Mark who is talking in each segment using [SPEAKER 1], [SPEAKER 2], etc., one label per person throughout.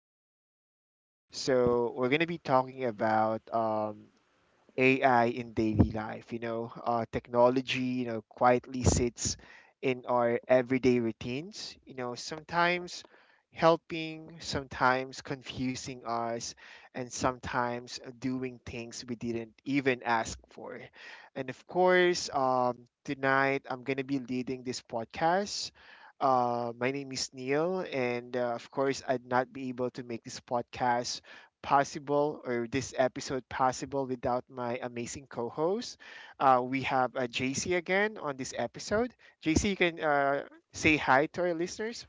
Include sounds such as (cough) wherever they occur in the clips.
[SPEAKER 1] podcast. So, we're going to be talking about AI in daily life. Technology, quietly sits in our everyday routines, sometimes helping, sometimes confusing us, and sometimes doing things we didn't even ask for. And of course, tonight I'm going to be leading this podcast. My name is Neil, and of course, I'd not be able to make this podcast possible or this episode possible without my amazing co-host. We have JC again on this episode. JC, you can say hi to our listeners.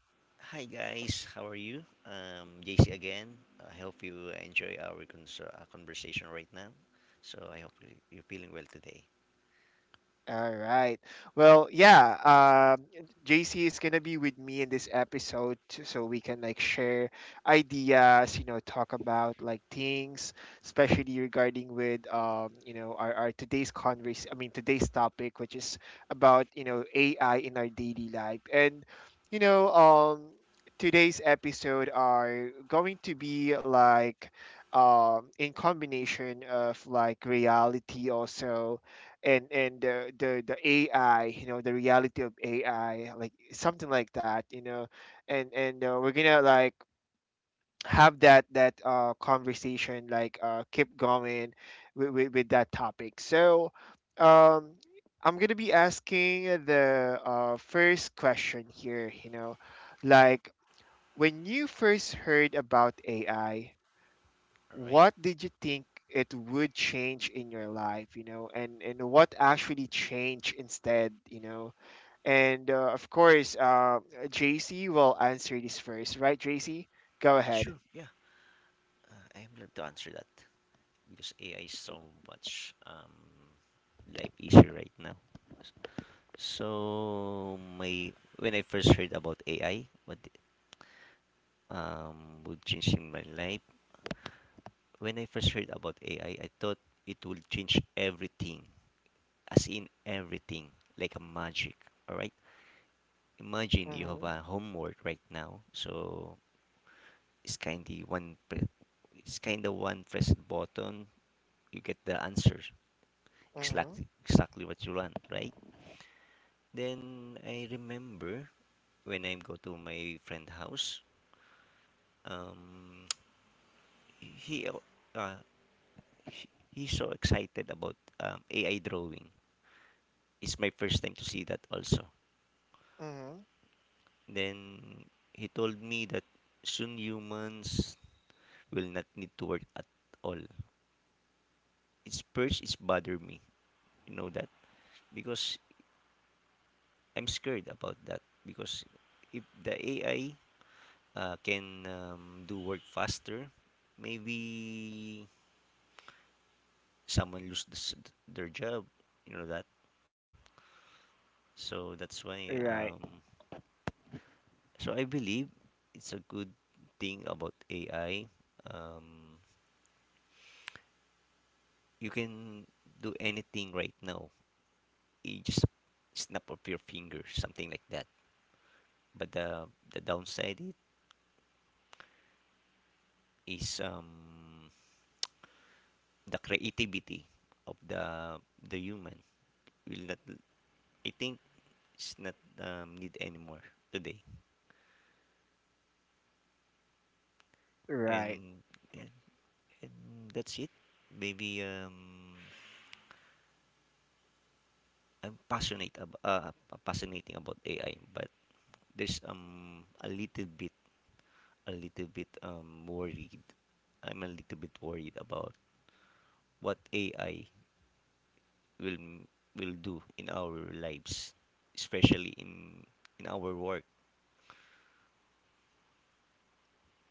[SPEAKER 2] Hi guys, how are you? JC again. I hope you enjoy our conversation right now. So I hope you're feeling well today.
[SPEAKER 1] All right. Well, yeah. Um, JC is gonna be with me in this episode, so we can like share ideas, talk about like things, especially regarding with our today's converse. I mean, today's topic, which is about AI in our daily life, and you know, um, today's episode are going to be like in combination of like reality also and the AI, the reality of AI, like something like that, and we're gonna like have that conversation, like keep going with that topic. So, um, I'm gonna be asking the first question here, like when you first heard about AI,
[SPEAKER 2] All right?
[SPEAKER 1] what did you think it would change in your life, and what actually changed instead? And of course, JC will answer this first, right, JC? Go ahead.
[SPEAKER 2] Sure. Yeah, I am glad to answer that because AI is so much life easier right now. So my When I first heard about AI, what would change in my life? When I first heard about AI, I thought it will change everything. As in everything, like a magic. All right. Imagine you have
[SPEAKER 1] Mhm.
[SPEAKER 2] a homework right now, so it's kind of one. Pre- it's kind of one press button, you get the answer
[SPEAKER 1] Mhm.
[SPEAKER 2] exactly what you want, right? Then I remember when I go to my friend house, um, he uh, he's so excited about AI drawing. It's my first time to see that also.
[SPEAKER 1] Mhm.
[SPEAKER 2] Then he told me that soon humans will not need to work at all. It's bother me, you know that, because I'm scared about that because if the AI can do work faster, maybe someone lose this, their job, you know that. So that's why.
[SPEAKER 1] Right,
[SPEAKER 2] So I believe it's a good thing about AI. Um, you can do anything right now. You just snap of your finger, something like that. But the downside it is the creativity of the human will not, I think, it's not need anymore today.
[SPEAKER 1] right.
[SPEAKER 2] And, and and that's it. Maybe I'm passionate about fascinating about AI, but there's a little bit worried. I'm a little bit worried about what AI will will do in our lives, especially in our work.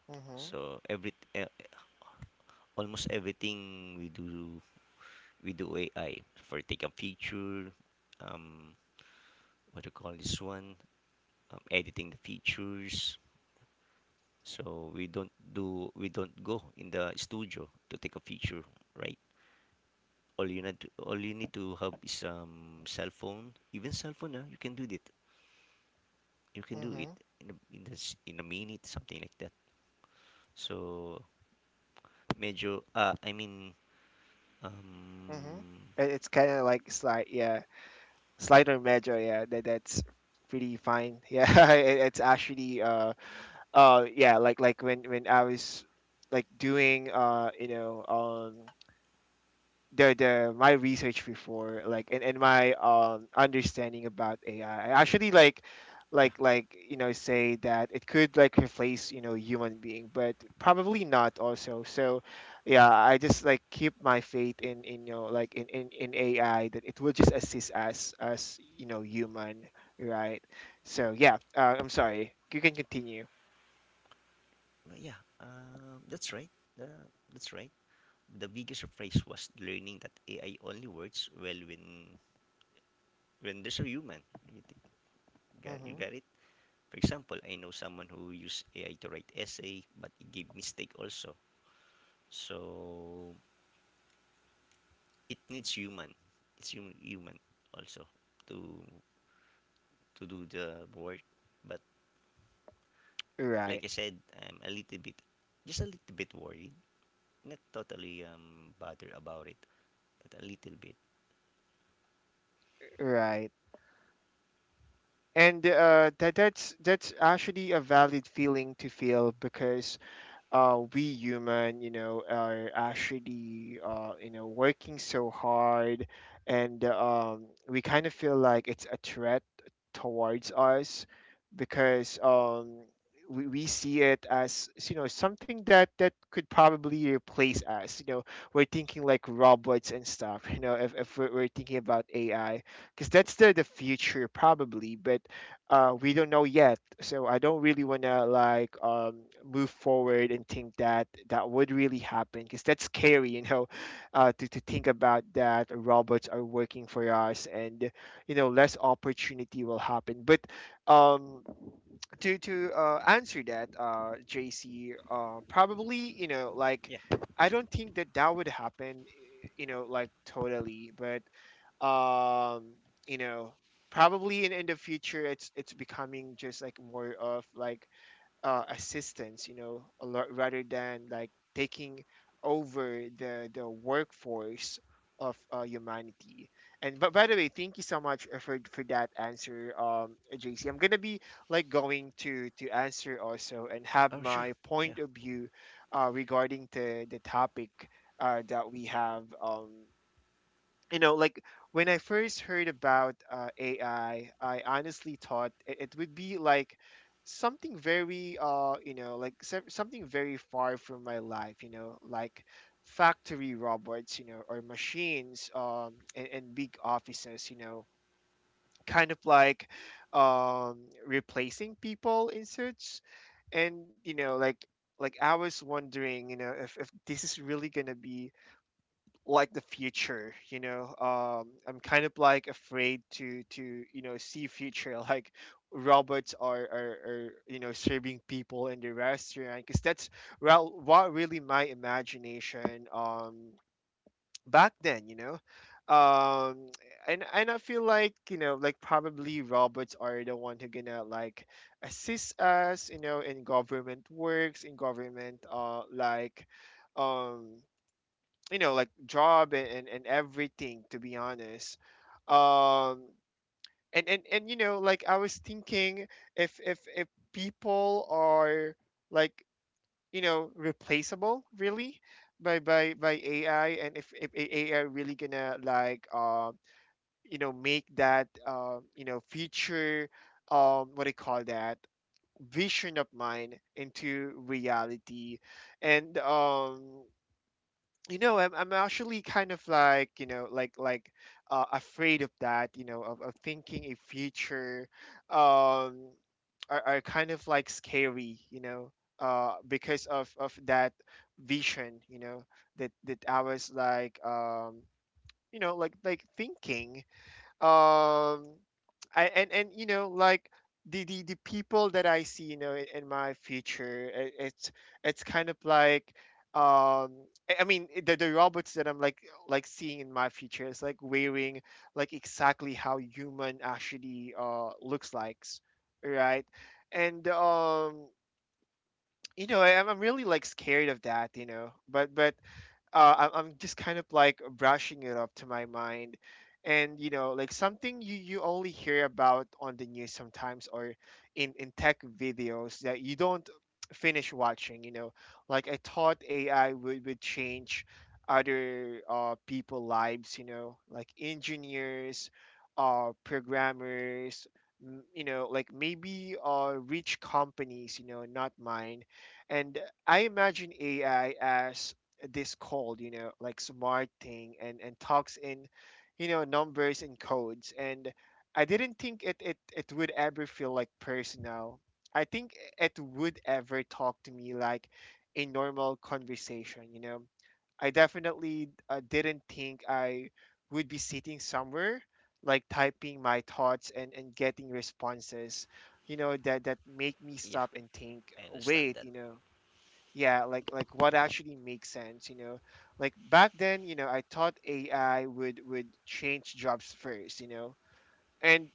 [SPEAKER 1] Mhm.
[SPEAKER 2] So every almost everything we do, AI for take a picture, um, what do you call this one, editing the features. So we don't go in the studio to take a picture, right? All you need to have is cell phone. Even cell phone, ah, you can do it. You can do it
[SPEAKER 1] Mhm.
[SPEAKER 2] in a, in the, in a minute, something like that. So Medyo, ah, I mean,
[SPEAKER 1] Mhm.
[SPEAKER 2] um,
[SPEAKER 1] It's kind of like slide, yeah, slide or major, yeah, that's pretty fine. (laughs) Yeah, it's actually yeah, like when I was like doing the my research before, like, and my understanding about ai, I actually
[SPEAKER 2] yeah,
[SPEAKER 1] say that it could like replace human being, but probably not also, so yeah, I just like keep my faith in like in ai that it will just assist us as human. Right. So yeah, I'm sorry, you can continue.
[SPEAKER 2] yeah, that's right. That's right. The biggest surprise was learning that AI only works well when there's a human. You, think, got, you
[SPEAKER 1] Hmm.
[SPEAKER 2] got it? For example, I know someone who used AI to write essay, but it gave mistake also. So it needs human. It's human, human also to to do the work. But like
[SPEAKER 1] Right,
[SPEAKER 2] I said, I'm a little bit, just a little bit worried, not totally bothered about it, but a little bit.
[SPEAKER 1] right. And that's actually a valid feeling to feel because we human, are actually, working so hard, and we kind of feel like it's a threat towards us because we see it as something that could probably replace us. We're thinking like robots and stuff. (laughs) If we're thinking about AI, because that's the future probably, but we don't know yet, so I don't really want to like move forward and think that that would really happen because that's scary. (laughs) To think about that robots are working for us, and less opportunity will happen, but um, to answer that, JC, probably like
[SPEAKER 2] Yeah.
[SPEAKER 1] I don't think that that would happen, like totally, but um, you know probably in the future, it's becoming just like more of like assistance, a lot, rather than like taking over the workforce of humanity. And but by the way, thank you so much for that answer. I'm gonna be like going to answer also and have
[SPEAKER 2] Oh, sure.
[SPEAKER 1] my
[SPEAKER 2] Yeah,
[SPEAKER 1] point of view regarding the topic that we have. Like when I first heard about AI, I honestly thought it would be like something very, like something very far from my life, like factory robots, or machines, and big offices, kind of like um, replacing people in suits, and like I was wondering, if this is really gonna be like the future. I'm kind of like afraid to see future. (laughs) Like robots are serving people in the restaurant because that's, well, what really my imagination back then. um and I feel like like probably robots are the one who gonna like assist us, in government works, in government, like um like job and everything, to be honest. um and like I was thinking, if people are like replaceable really by ai, and if ai really gonna like make that future, what do you call that, vision of mine into reality. And I'm actually kind of like afraid of that, of thinking a future um are kind of like scary, because of that vision, that I was like thinking. Um I And like the people that I see, in my future, I it's kind of like um I mean, the robots that I'm like seeing in my future is like wearing like exactly how human actually looks like, right. And I'm really like scared of that, but I'm just kind of like brushing it up to my mind. And like something you only hear about on the news sometimes, or in tech videos that you don't finish watching. Like I thought AI would change other people lives, like engineers, programmers, like maybe rich companies, not mine. And I imagine AI as this called like smart thing and talks in numbers and codes, and I didn't think it would ever feel like personal. I think it would ever talk to me like a normal conversation. I definitely didn't think I would be sitting somewhere, like typing my thoughts and getting responses that make me
[SPEAKER 2] yeah.
[SPEAKER 1] stop and think,
[SPEAKER 2] I understand
[SPEAKER 1] wait
[SPEAKER 2] that.
[SPEAKER 1] you know Yeah, like what actually makes sense. Like back then, I thought ai would change jobs first. And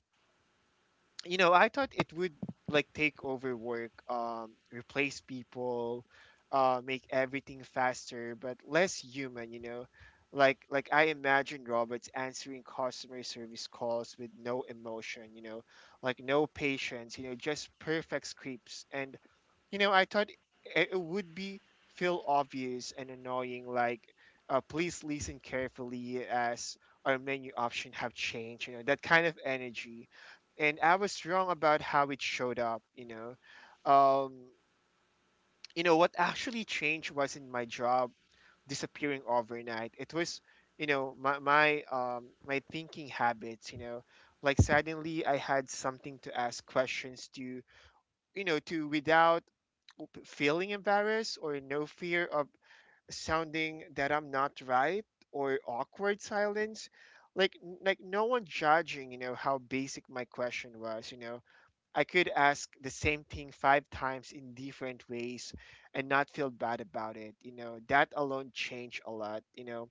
[SPEAKER 1] I thought it would like take over work, replace people, make everything faster but less human. Like I imagine robots answering customer service calls with no emotion, like no patience, just perfect scripts. And I thought it would be feel obvious and annoying, like please listen carefully as our menu option have changed, that kind of energy. And I was wrong about how it showed up. Um, what actually changed wasn't my job disappearing overnight. It was, my thinking habits. Like suddenly I had something to ask questions to, to without feeling embarrassed or no fear of sounding that I'm not right or awkward silence. Like like no one judging, how basic my question was. I could ask the same thing 5 times in different ways and not feel bad about it. That alone changed a lot.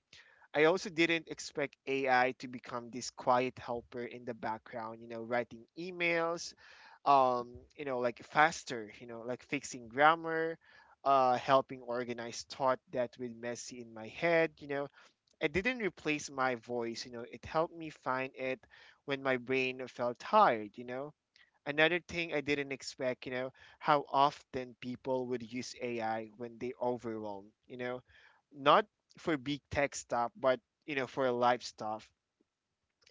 [SPEAKER 1] I also didn't expect AI to become this quiet helper in the background, writing emails, like faster, like fixing grammar, helping organize thought that was messy in my head. It didn't replace my voice, it helped me find it when my brain felt tired. Another thing I didn't expect, how often people would use AI when they overwhelm, not for big tech stuff, but for life stuff.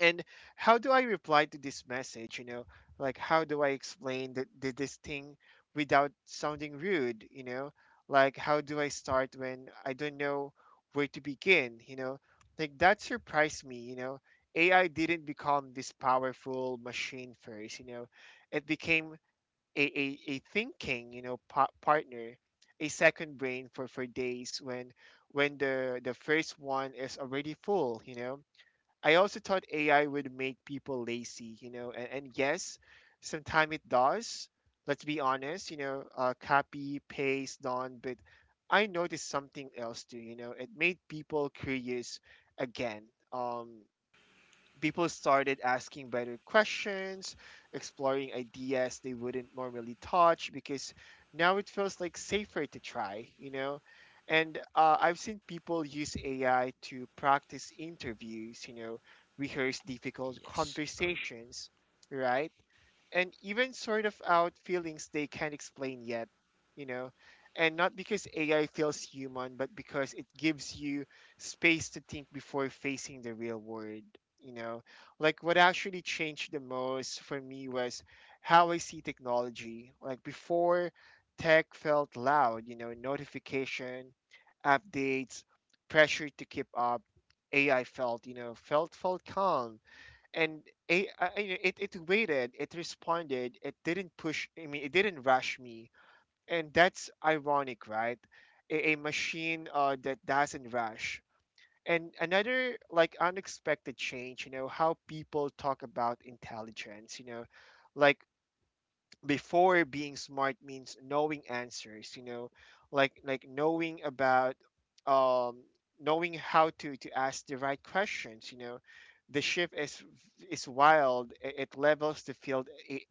[SPEAKER 1] And how do I reply to this message? Like how do I explain this thing without sounding rude? Like how do I start when I don't know where to begin? Like that surprised me. AI didn't become this powerful machine first, you know, it became a thinking partner, a second brain for days when the first one is already full, you know. I also thought AI would make people lazy, you know, and yes, sometimes it does. Let's be honest, you know, copy paste done. But I noticed something else too, you know, it made people curious again. um People started asking better questions, exploring ideas they wouldn't normally touch because now it feels like safer to try, you know? And I've seen people use AI to practice interviews, you know, rehearse difficult
[SPEAKER 2] Yes. All right.
[SPEAKER 1] conversations, right? And even sort of out feelings they can't explain yet, you know. And not because AI feels human, but because it gives you space to think before facing the real world, you know. Like what actually changed the most for me was how I see technology. Like before, tech felt loud, you know, notification, updates, pressure to keep up. AI felt, you know, felt calm. And it, it waited, it responded, it didn't push I mean it didn't rush me. And that's ironic, right? A machine, that doesn't rush. And another like unexpected change, you know, how people talk about intelligence, you know, like before, being smart means knowing answers, you know, like knowing about, um knowing how to ask the right questions, you know. The shift is wild, it levels the field,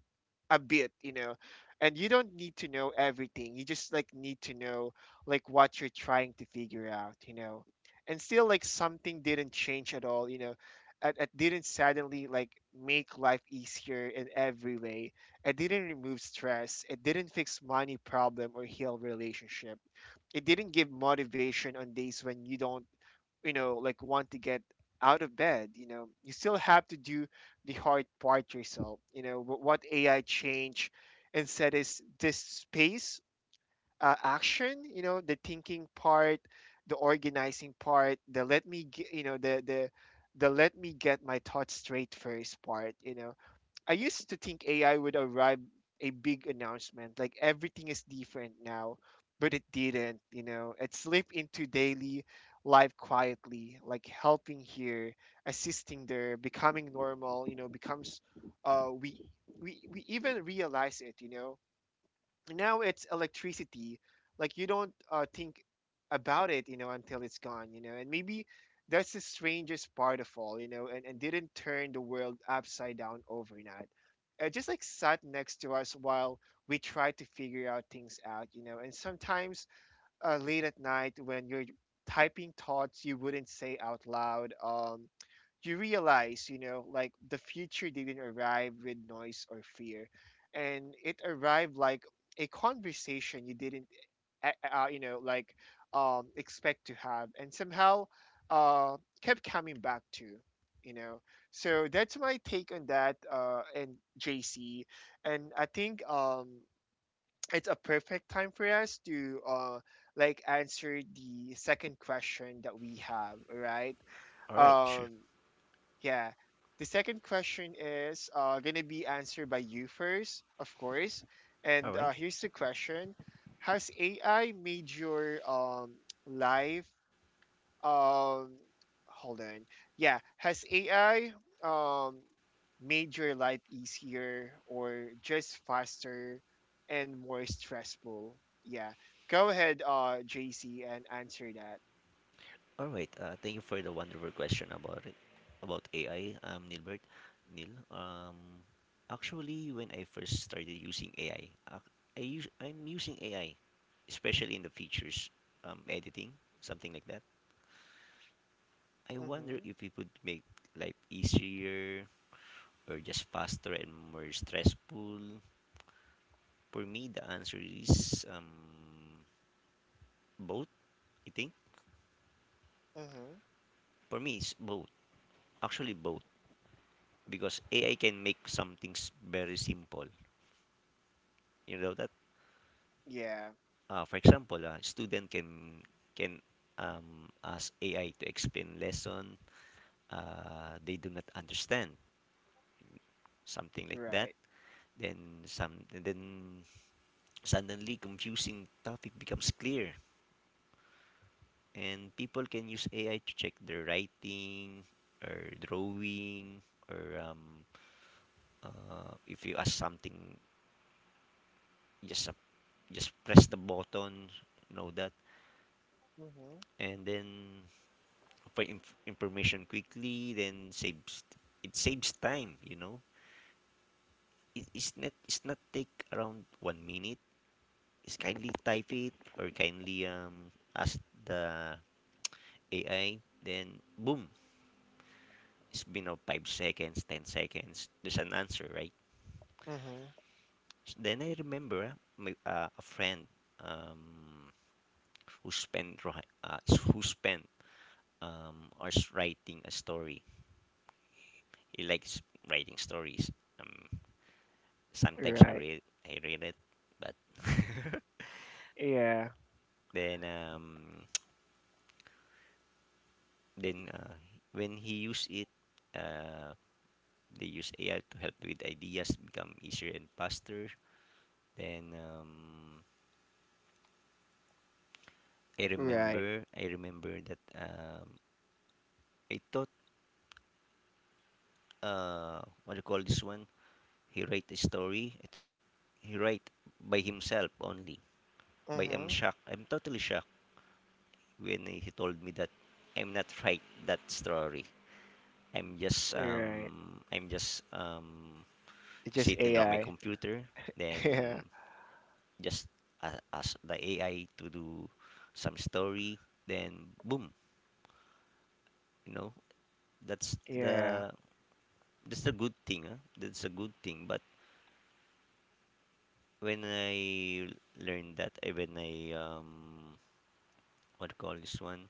[SPEAKER 1] a bit, you know. And you don't need to know everything. You just like need to know like what you're trying to figure out, you know. And still, like, something didn't change at all, you know. It didn't suddenly like make life easier in every way. It didn't remove stress. It didn't fix money problem or heal relationship. It didn't give motivation on days when you don't, you know, like want to get out of bed, you know. You still have to do the hard part yourself, you know. What AI change and said is this space, action, you know, the thinking part, the organizing part, the let me g you know the the let me get my thoughts straight first part, you know. I used to think AI would arrive a big announcement, like everything is different now, but it didn't, you know. It slipped into daily life quietly, like helping here, assisting there, becoming normal, you know, becomes we we even realize it, you know. Now it's electricity, like you don't, think about it, you know, until it's gone, you know. And maybe that's the strangest part of all, you know, and didn't turn the world upside down overnight. It just like sat next to us while we tried to figure out things out, you know. And sometimes, late at night when you're typing thoughts you wouldn't say out loud, you realize, you know, like the future didn't arrive with noise or fear, and it arrived like a conversation you didn't, like expect to have, and somehow kept coming back to, you know. So that's my take on that, and JC, and I think it's a perfect time for us to like answer the second question that we have, right?
[SPEAKER 2] All right. Sure.
[SPEAKER 1] um yeah. The second question is going to be answered by you first, of course.
[SPEAKER 2] All
[SPEAKER 1] And
[SPEAKER 2] right.
[SPEAKER 1] here's the question. Has AI made your life? Um, Hold on. Yeah. Has AI, um, made your life easier or just faster and more stressful? Yeah. Go ahead, JC, and answer that.
[SPEAKER 2] All right. Thank you for the wonderful question about it, about AI. Nilbert, Neil. Actually, when I first started using AI, I'm using AI, especially in the features, editing something like that. I wonder
[SPEAKER 1] Mm-hmm.
[SPEAKER 2] if it would make life easier or just faster and more stressful. For me, the answer is both, I think.
[SPEAKER 1] Mm-hmm.
[SPEAKER 2] For me, it's both. Actually, both. Because AI can make some things very simple. You know that?
[SPEAKER 1] Yeah.
[SPEAKER 2] For example, a student can ask AI to explain lesson they do not understand, something like that.
[SPEAKER 1] Right.
[SPEAKER 2] Then some then suddenly confusing topic becomes clear, and people can use AI to check their writing or drawing or if you ask something, just uh, just press the button, know that, and then for information quickly, then saves time, you know. It's not take around 1 minute. It's kindly type it or kindly ask the ai, then boom, it's been 5 seconds, 10 seconds, there's an answer, right?
[SPEAKER 1] Mm-hmm.
[SPEAKER 2] Then I remember a friend, um, who spent ri- uh, who spent, writing a story. He likes writing stories. Um, sometimes
[SPEAKER 1] Right.
[SPEAKER 2] I read it, but (laughs)
[SPEAKER 1] Yeah.
[SPEAKER 2] then (tsk) then when he use it, uh, they use AI to help with ideas become easier and faster. Then
[SPEAKER 1] Right.
[SPEAKER 2] I remember that I thought, what do you call this one? He write a story. I thought he write by himself only. But I'm
[SPEAKER 1] Mhm.
[SPEAKER 2] shocked. I'm totally shocked when he told me that I'm not write that story. I'm just
[SPEAKER 1] Right. It's just
[SPEAKER 2] sitting on my
[SPEAKER 1] AI.
[SPEAKER 2] computer,
[SPEAKER 1] (laughs) Yeah.
[SPEAKER 2] then just ask the AI to do some story, then boom, you know, that's
[SPEAKER 1] Yeah.
[SPEAKER 2] the that's the good thing, huh? That's a good thing. But when I learned that, eh, when I um, what do you call this one,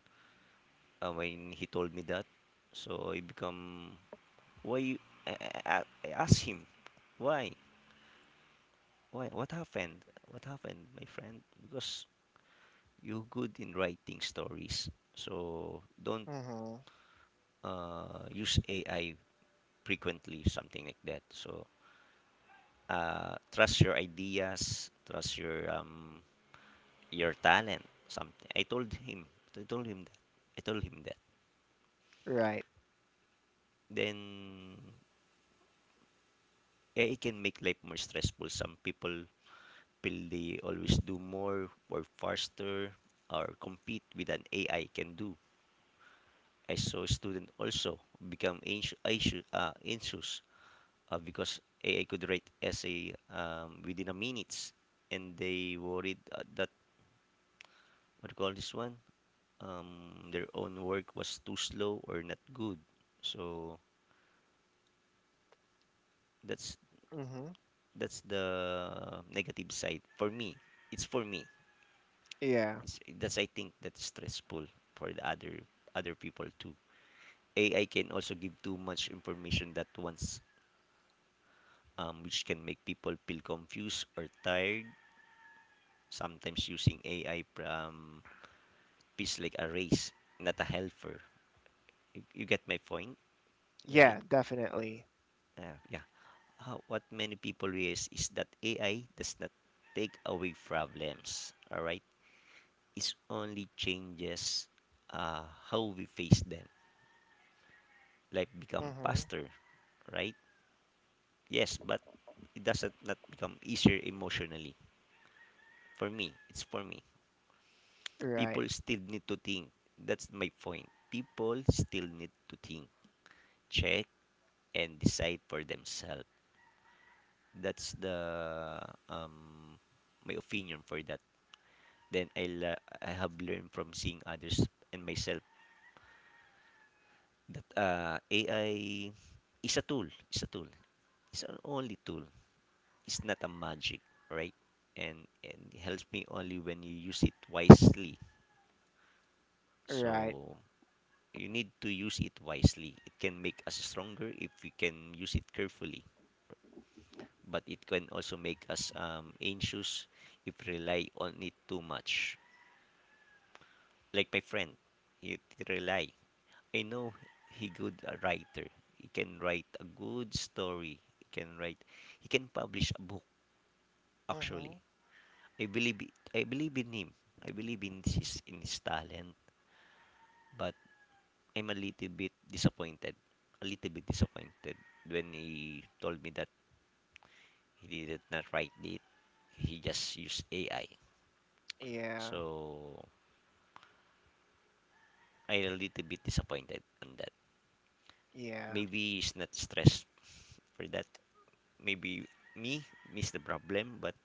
[SPEAKER 2] when he told me that, so I become, why? I, I asked him, why? Why? What happened? What happened, my friend? Because you're good in writing stories, so don't
[SPEAKER 1] Mhm.
[SPEAKER 2] use AI frequently, something like that. So trust your ideas, trust your talent. Something. I told him. I told him that. I told him that.
[SPEAKER 1] Right.
[SPEAKER 2] Then AI can make life more stressful. Some people People, they always do more or faster or compete with an AI can do. I saw student also become anxious, because AI could write essay within a minutes, and they worried, that, what do you call this one, their own work was too slow or not good. So that's
[SPEAKER 1] Mhm.
[SPEAKER 2] that's the negative side for me. It's for me.
[SPEAKER 1] Yeah.
[SPEAKER 2] It's that's I think that's stressful for the other people too. AI can also give too much information that once, which can make people feel confused or tired. Sometimes using AI feels like a race, not a helper. You get my point, right?
[SPEAKER 1] Yeah, definitely.
[SPEAKER 2] Yeah. How, what many people realize is that AI does not take away problems. All right, it only changes uh, how we face them. Life become
[SPEAKER 1] Mhm.
[SPEAKER 2] faster, right? Yes, but it doesn't not become easier emotionally. For me, it's for me.
[SPEAKER 1] Right.
[SPEAKER 2] People still need to think. That's my point. People still need to think, check, and decide for themselves. That's the um my opinion for that. Then I have learned from seeing others and myself that AI is a tool. Is a tool. It's an only tool. It's not a magic, right? And it helps me only when you use it wisely.
[SPEAKER 1] Right.
[SPEAKER 2] So you need to use it wisely. It can make us stronger if we can use it carefully, but it can also make us anxious if we rely on it too much. Like my friend, he rely. I know he good a writer. He can write a good story. He can write. He can publish a book. Actually,
[SPEAKER 1] Mhm.
[SPEAKER 2] I believe in him. I believe in his talent. But I'm a little bit disappointed. A little bit disappointed when he told me that, he did not write it. He just used AI.
[SPEAKER 1] Yeah.
[SPEAKER 2] So I a little bit disappointed on that.
[SPEAKER 1] Yeah.
[SPEAKER 2] Maybe he's not stressed for that. Maybe me miss the problem, but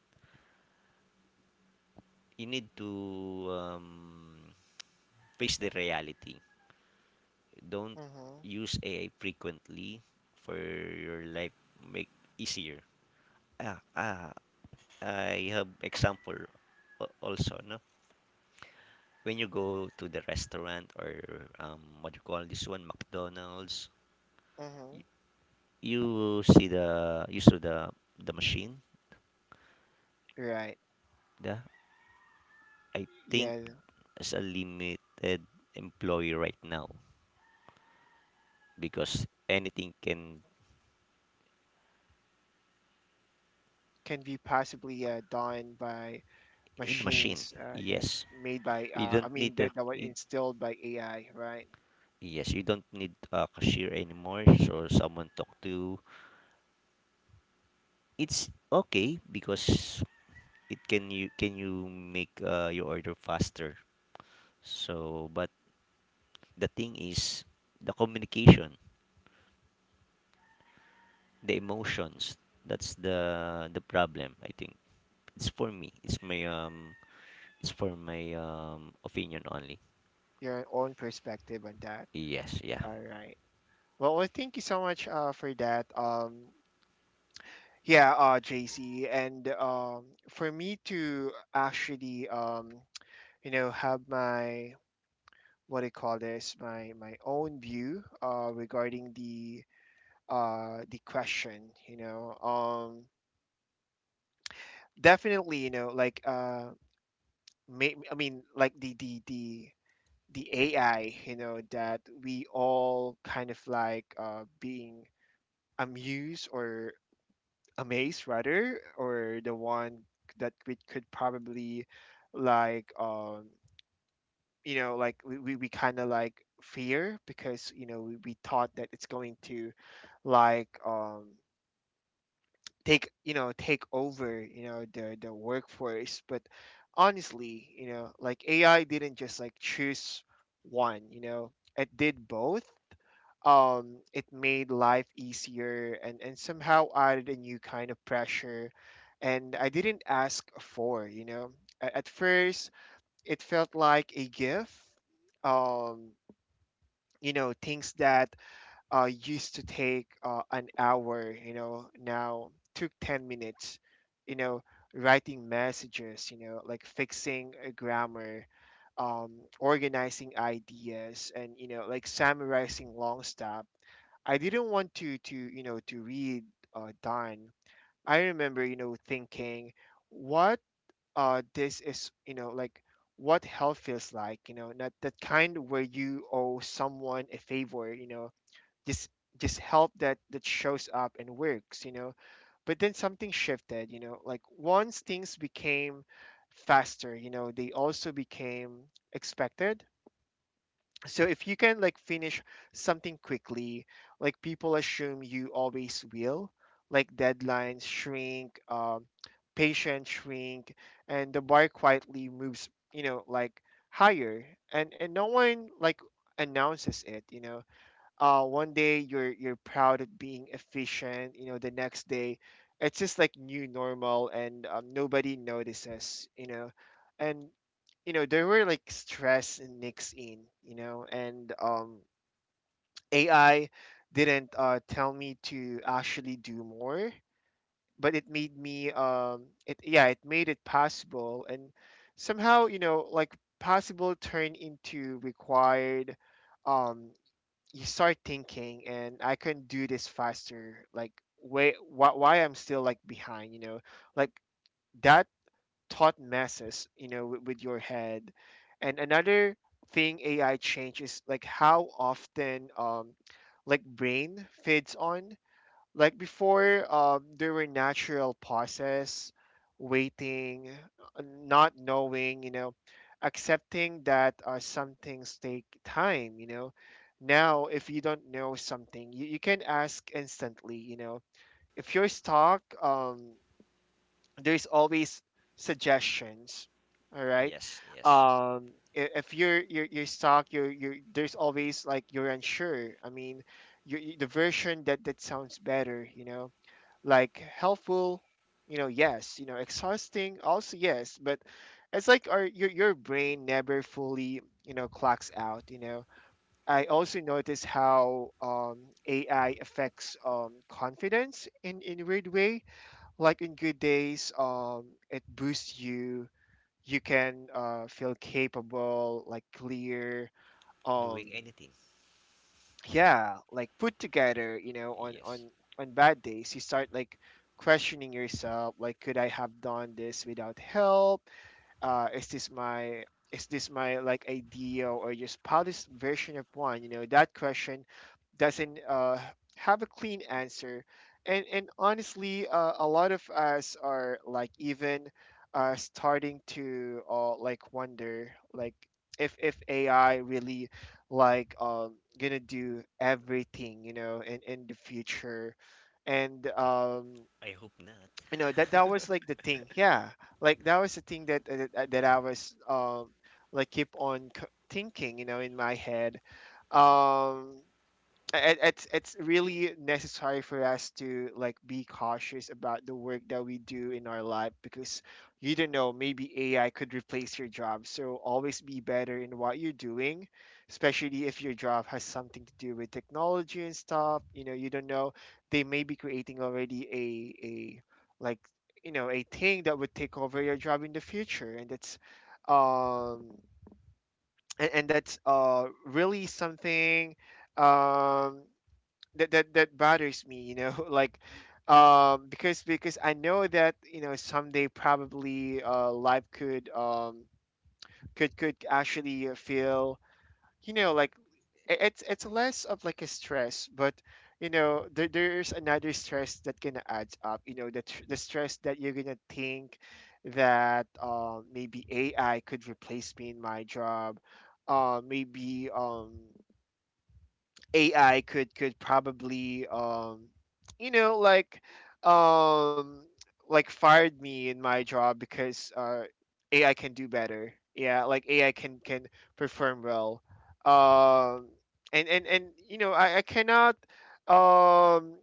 [SPEAKER 2] you need to um, face the reality. Don't
[SPEAKER 1] Mhm.
[SPEAKER 2] use AI frequently for your life. Make easier. Ah, ah, I have example also, no? When you go to the restaurant or what you call this one, McDonald's, y-
[SPEAKER 1] Mhm.
[SPEAKER 2] you see the you saw the machine.
[SPEAKER 1] Right.
[SPEAKER 2] The, I think,
[SPEAKER 1] Yeah.
[SPEAKER 2] as a limited employee right now, because anything can
[SPEAKER 1] Can be possibly, done by
[SPEAKER 2] in the machine.
[SPEAKER 1] machines that
[SPEAKER 2] Yes,
[SPEAKER 1] made by,
[SPEAKER 2] you don't need a
[SPEAKER 1] that, were instilled by AI, right?
[SPEAKER 2] yes, you don't need a cashier anymore. So someone talk to. It's okay because it can, you can, you make your order faster. So but the thing is the communication, the emotions. That's the problem I think. It's for me. It's my. It's for my opinion only.
[SPEAKER 1] Your own perspective on that.
[SPEAKER 2] Yes. Yeah.
[SPEAKER 1] All right. Well, thank you so much, for that. Yeah, JC, and for me to actually, you know, have my, what do you call this, my own view, regarding the question, you know. Definitely, you know, like, like the AI, you know, that we all kind of like, being amused or amazed rather, or the one that we could probably like, you know, like we kind of like fear because, you know, we thought that it's going to like, take, you know, take over, you know, the workforce. But honestly, you know, like AI didn't just like choose one, you know, it did both. It made life easier and, somehow added a new kind of pressure and I didn't ask for, you know. At first, it felt like a gift. Um, you know, things that, used to take, an hour, you know, now took 10 minutes, you know, writing messages, you know, like fixing a grammar, um, organizing ideas, and, you know, like summarizing long stuff I didn't want to you know to read, Don. I remember, you know, thinking what, this is, you know, like what hell feels like, you know, not that kind where you owe someone a favor, you know, just just help that shows up and works, you know. But then something shifted, you know, like once things became faster, you know, they also became expected. So if you can like finish something quickly, like people assume you always will, like deadlines shrink, patience shrink, and the bar quietly moves, you know, like higher. And no one like announces it, you know. One day you're, proud at being efficient, you know, the next day it's just like new normal, and, nobody notices, you know. And, you know, there were like stress and nicks in, you know. And, AI didn't, tell me to actually do more, but it made me, it yeah it made it possible. And somehow, you know, like possible turned into required. um you start thinking and I can do this faster, like why I'm still like behind, you know. Like, that thought messes, you know, with your head. And another thing AI changes, like how often, like brain feeds on. Like before, there were natural pauses, waiting, not knowing, you know, accepting that, some things take time, you know. Now if you don't know something, you can ask instantly, you know. If you're stuck, there's always suggestions, all right.
[SPEAKER 2] Yes, yes.
[SPEAKER 1] um if you're stuck, you're there's always like you're unsure, the version that sounds better, you know, like helpful, you know, yes, you know, exhausting also, yes. But it's like our, your brain never fully, you know, clocks out, you know. I also notice how, AI affects, confidence in a weird way. Like in good days, it boosts you. You can, feel capable, like clear, um
[SPEAKER 2] Doing anything.
[SPEAKER 1] yeah, like put together, you know,
[SPEAKER 2] Yes.
[SPEAKER 1] on bad days you start like questioning yourself, like could I have done this without help, is this my, like ideal or just polished version of one? You know, that question doesn't, have a clean answer. And honestly, a lot of us are like, even, starting to, like wonder like if AI really like, gonna do everything, you know, in the future. And,
[SPEAKER 2] I hope
[SPEAKER 1] you know, that
[SPEAKER 2] not.
[SPEAKER 1] was
[SPEAKER 2] (laughs)
[SPEAKER 1] like the thing, yeah, like that was the thing that, that I was, like keep on thinking, you know, in my head. um it, it's really necessary for us to like be cautious about the work that we do in our life, because you don't know, maybe AI could replace your job, so always be better in what you're doing, especially if your job has something to do with technology and stuff, you know. You don't know, they may be creating already a like, you know, a thing that would take over your job in the future. And that's, um and that's, really something, um that bothers me, you know. (laughs) Like, because I know that, you know, someday probably, life could, actually, feel, you know, like, it's less of like a stress. But, you know, there's another stress that gonna add up, you know, the, the stress that you're gonna think that, maybe AI could replace me in my job. Maybe, AI could, probably, you know, like, um like fired me in my job because, AI can do better. Yeah, like AI can, perform well. Um and you know, I cannot, um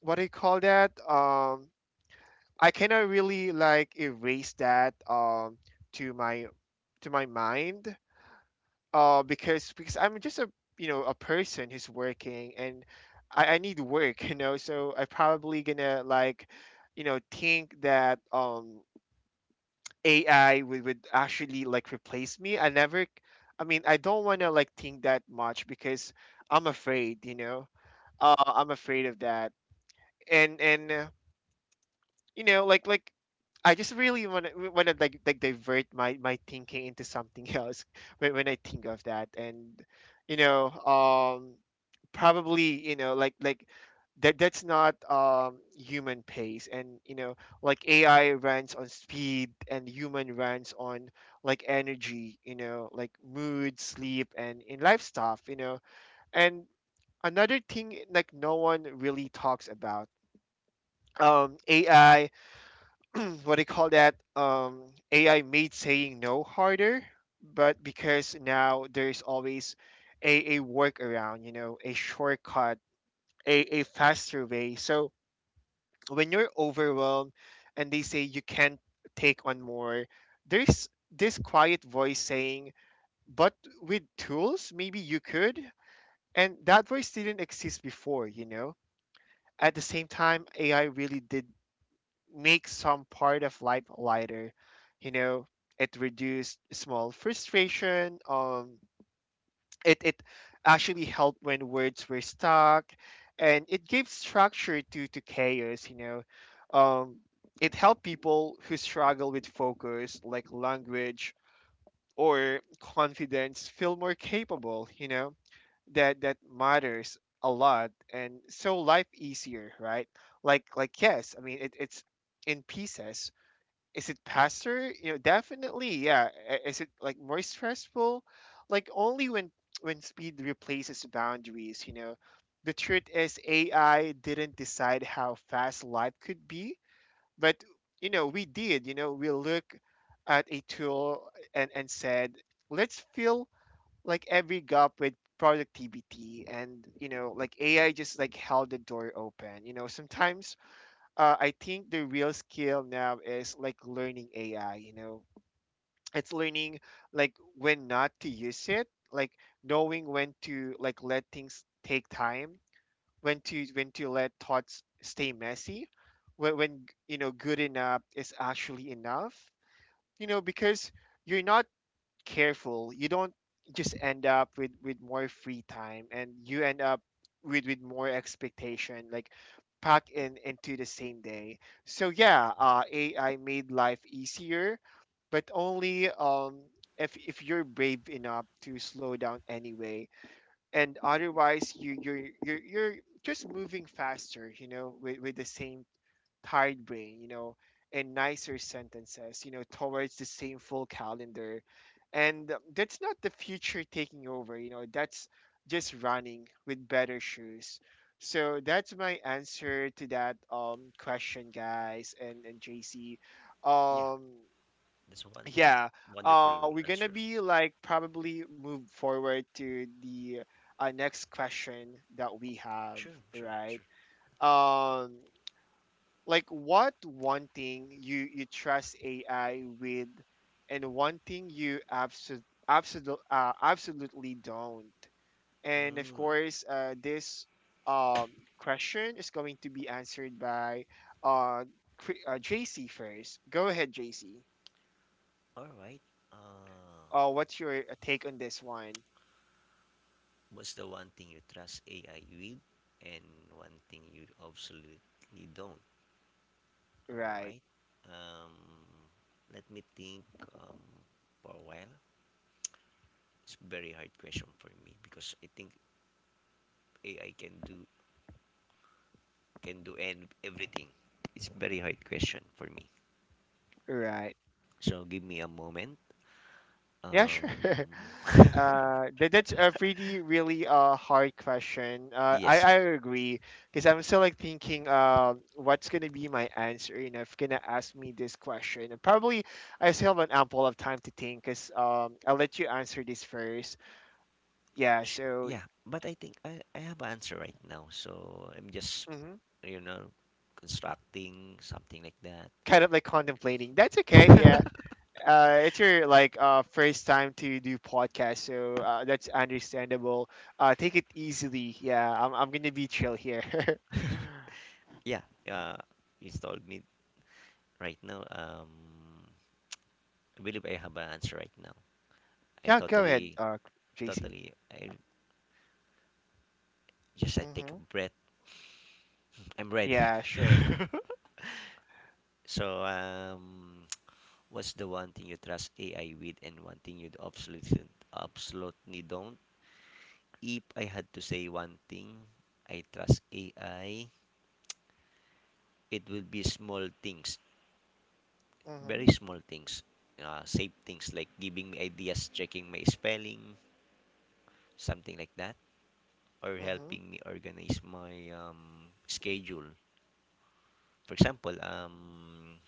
[SPEAKER 1] what do you call that? I cannot really erase that to my to my mind because I'm just a, you know, a person who's working, and I need work (laughs) you know, so I probably gonna like, you know, think that AI would actually like replace me. I mean, I don't want to like think that much because I'm afraid, you know. I'm afraid of that. And you know, like I just really want to like divert my my thinking into something (laughs) else when I think of that. And you know, probably you know, like that's not human pace. And you know, like AI runs on speed, and human runs on like energy, you know, like mood, sleep, and in life stuff, you know. And another thing like no one really talks about ai. (clears throat) What do you call that? AI made saying no harder, but because now there's always a workaround, you know, a shortcut, a faster way. So when you're overwhelmed and they say you can't take on more, there's this quiet voice saying, but with tools, maybe you could. And that voice didn't exist before, you know? At the same time, AI really did makes some part of life lighter. You know, it reduced small frustration. It actually helped when words were stuck, and it gave structure to chaos. You know, um, it helped people who struggle with focus, like language or confidence, feel more capable. You know, that matters a lot, and so life easier, right? Like yes, I mean it's in pieces. Is it faster? You know, definitely, yeah. Is it like more stressful? Like only when speed replaces boundaries, you know. The truth is AI didn't decide how fast life could be, but you know, we did. You know, we look at a tool and said, let's fill like every gap with productivity. And you know, like AI just like held the door open. You know, sometimes I think the real skill now is like learning AI, you know. It's learning like when not to use it, like knowing when to like let things take time, when to let thoughts stay messy, when you know good enough is actually enough, you know, because you're not careful, you don't just end up with more free time, and you end up with more expectation like packed in into the same day. So yeah, AI made life easier, but only if you're brave enough to slow down anyway. And otherwise, you're just moving faster, you know, with, the same tired brain, you know, and nicer sentences, you know, towards the same full calendar. And that's not the future taking over, you know, that's just running with better shoes. So that's my answer to that question, guys, and JC.
[SPEAKER 2] Yeah,
[SPEAKER 1] Um,
[SPEAKER 2] that's one
[SPEAKER 1] yeah,
[SPEAKER 2] wonderful
[SPEAKER 1] we're gonna
[SPEAKER 2] answer.
[SPEAKER 1] be like probably move forward to the next question that we have,
[SPEAKER 2] Sure, sure,
[SPEAKER 1] right?
[SPEAKER 2] sure.
[SPEAKER 1] Um, like what one thing you trust AI with, and one thing you absolutely don't. And of
[SPEAKER 2] Mm,
[SPEAKER 1] course, this um, question is going to be answered by uh, JC first. Go ahead, JC.
[SPEAKER 2] all right. Uh,
[SPEAKER 1] What's your take on this one?
[SPEAKER 2] what's the one thing you trust AI with and one thing you absolutely don't? All
[SPEAKER 1] Right,
[SPEAKER 2] right. Um, let me think, um, for a while. It's very hard question for me because I think AI can do, can do, and everything. It's very hard question for me.
[SPEAKER 1] right.
[SPEAKER 2] So give me a moment.
[SPEAKER 1] Yeah, sure. (laughs)
[SPEAKER 2] Um,
[SPEAKER 1] That's a pretty really hard question. I
[SPEAKER 2] yes,
[SPEAKER 1] I agree because I'm still like thinking what's gonna be my answer. You know, if you're gonna ask me this question, and probably I still have an ample of time to think. Cause I'll let you answer this first. Yeah. So
[SPEAKER 2] yeah, but I think I have an answer right now. So I'm just,
[SPEAKER 1] mhm,
[SPEAKER 2] you know, constructing something like that.
[SPEAKER 1] kind of like
[SPEAKER 2] Bec-
[SPEAKER 1] contemplating. That's okay. Yeah. It's your like first time to do podcast, so that's understandable. Take it easily. Yeah, I'm gonna be chill here. (laughs)
[SPEAKER 2] Yeah, it's told me right now. I believe I have an answer right now. I
[SPEAKER 1] Yeah, go ahead,
[SPEAKER 2] totally
[SPEAKER 1] JC.
[SPEAKER 2] totally I just I take a
[SPEAKER 1] Mm-hmm.
[SPEAKER 2] breath. I'm ready.
[SPEAKER 1] Yeah, sure.
[SPEAKER 2] (laughs) So um, what's the one thing you trust AI with and one thing you absolutely don't? If I had to say one thing I trust AI, it will be small things,
[SPEAKER 1] Mm-hmm.
[SPEAKER 2] very small things, safe things like giving me ideas, checking my spelling, something like that, or
[SPEAKER 1] Mm-hmm.
[SPEAKER 2] helping me organize my schedule. For example,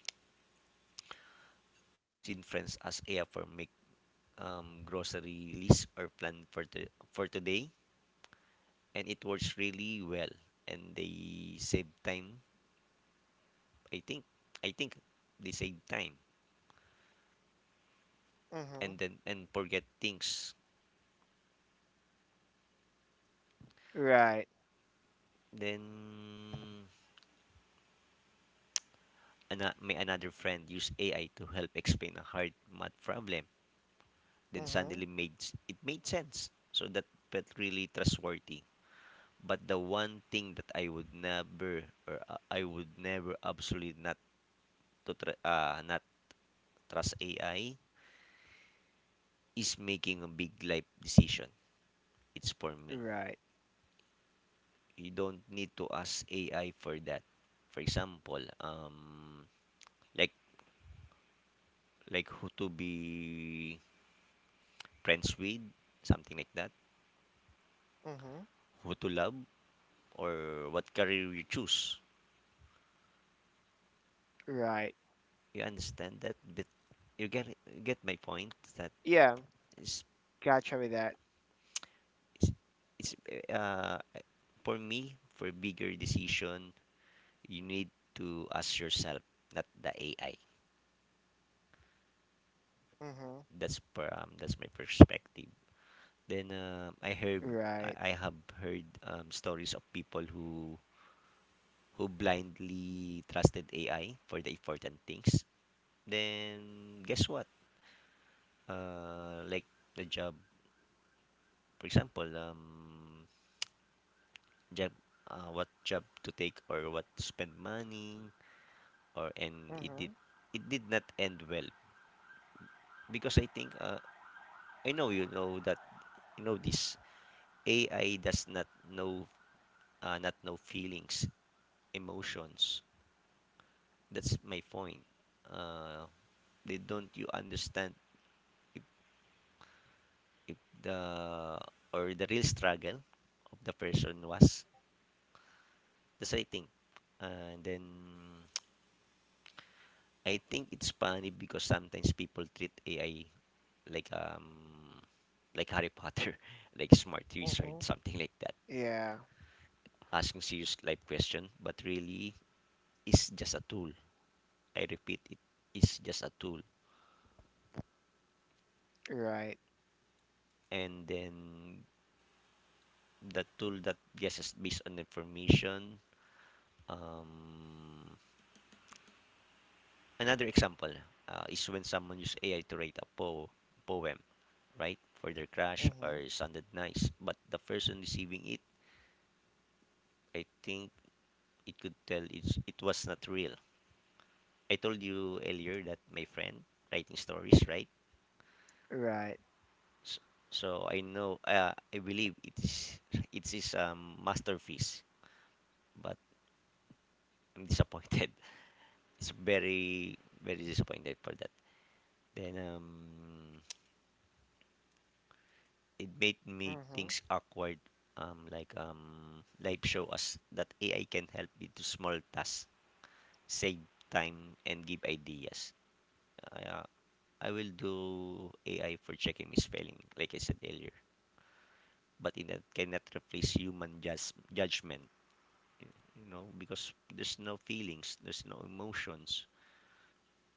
[SPEAKER 2] I've seen friends ask AI for make grocery list or plan for for today, and it works really well and they save time. I think i think they save time
[SPEAKER 1] Mm-hmm.
[SPEAKER 2] and then and forget things.
[SPEAKER 1] Right.
[SPEAKER 2] Then may another friend use AI to help explain a hard math problem, then
[SPEAKER 1] Mm-hmm.
[SPEAKER 2] suddenly it made sense, so that felt really trustworthy. But the one thing that I would never, or I would never absolutely not not trust AI is making a big life decision. It's for me.
[SPEAKER 1] Right.
[SPEAKER 2] You don't need to ask AI for that. For example, like who to be friends with, something like that.
[SPEAKER 1] Mm-hmm.
[SPEAKER 2] Who to love, or what career you choose.
[SPEAKER 1] Right.
[SPEAKER 2] You understand that? But you get my point. That
[SPEAKER 1] Yeah,
[SPEAKER 2] is,
[SPEAKER 1] gotcha with that.
[SPEAKER 2] is it's uh for me, for bigger decision, you need to ask yourself, not the AI.
[SPEAKER 1] Mm-hmm.
[SPEAKER 2] That's my perspective. Then
[SPEAKER 1] Right.
[SPEAKER 2] I have heard stories of people who blindly trusted AI for the important things. Then guess what? Like the job, for example, job, what job to take or what to spend money or and it did,
[SPEAKER 1] Mm-hmm.
[SPEAKER 2] it did not end well because I think, I know you know that you know this, AI does not know, feelings, emotions. That's my point. Uh, they don't you understand if, if the or the real struggle of the person was That's what I think. And then (tsk) I think it's funny because sometimes people treat AI like Harry Potter, (laughs) like smart wizard,
[SPEAKER 1] Mm-hmm.
[SPEAKER 2] something like that,
[SPEAKER 1] Yeah.
[SPEAKER 2] asking serious life question, but really it's just a tool. I repeat, it is just a tool.
[SPEAKER 1] Right.
[SPEAKER 2] And then the tool that guesses based on information. Um, Another example, is when someone uses AI to write a poem, right, for their crush,
[SPEAKER 1] Mm-hmm.
[SPEAKER 2] or sounded nice, but the person receiving it, I think, it could tell it was not real. I told you earlier that my friend writing stories, right?
[SPEAKER 1] Right.
[SPEAKER 2] S- So I know, I believe it is, it is masterpiece, but I'm disappointed. (laughs) It's very very disappointed for that. Then it made me
[SPEAKER 1] Mm-hmm.
[SPEAKER 2] things awkward, like live show us that AI can help me to small tasks, save time and give ideas. Uh, I will do AI for checking my spelling, like I said earlier, but it that cannot replace human judgment. You know, because there's no feelings, there's no emotions,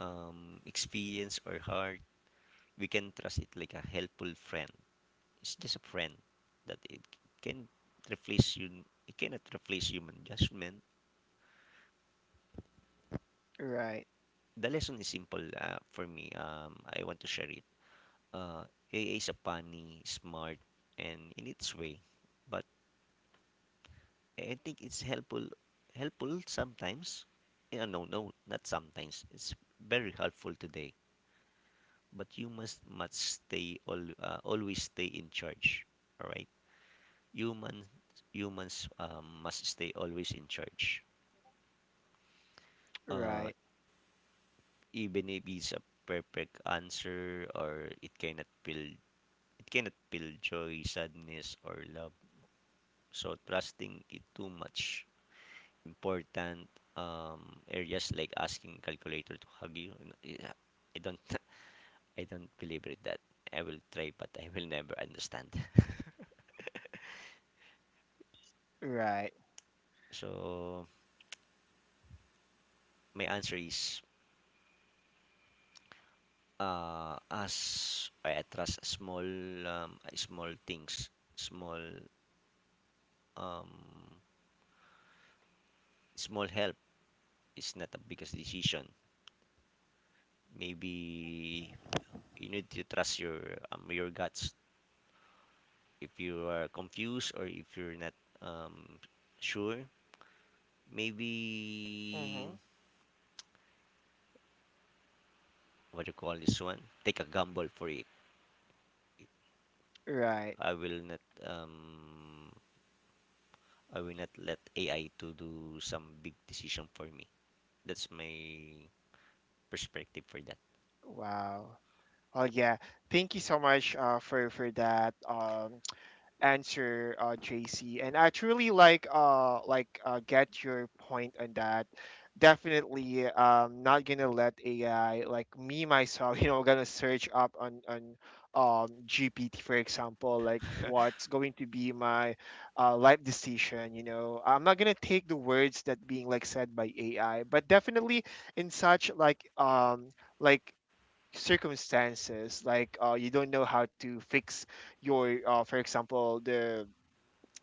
[SPEAKER 2] experience or heart. We can trust it like a helpful friend. It's just a friend that it can replace you. It cannot replace human judgment.
[SPEAKER 1] Right.
[SPEAKER 2] The lesson is simple, for me. I want to share it. Uh, A. A is a funny, smart, and in its way, but I think it's helpful. Helpful sometimes. No, no, not sometimes. It's very helpful today. But you must stay all, always stay in charge. All right, humans, must stay always in charge. Uh,
[SPEAKER 1] Right.
[SPEAKER 2] Even if it's a perfect answer, or it cannot build, it cannot build joy, sadness or love. So trusting it too much important areas like asking calculator to hug you. Yeah, I don't (laughs) I don't believe it that I will try, but I will never understand. (laughs) So my answer is, as I trust small small things, small um small help. It's not a biggest decision. Maybe you need to trust your guts. If you are confused, or if you're not um, sure, maybe,
[SPEAKER 1] Right.
[SPEAKER 2] what do you call this one, take a gamble for it.
[SPEAKER 1] Right.
[SPEAKER 2] I will not, let AI to do some big decision for me. That's my perspective for that.
[SPEAKER 1] Wow. Well, yeah. Thank you so much for that (tsk) answer, JC. And I truly like get your point on that. Definitely not gonna let AI like me myself, (laughs) you know, gonna search up on GPT, for example, like what's going to be my life decision. You know, I'm not gonna take the words that being like said by AI, but definitely in such like like circumstances like you don't know how to fix your for example, the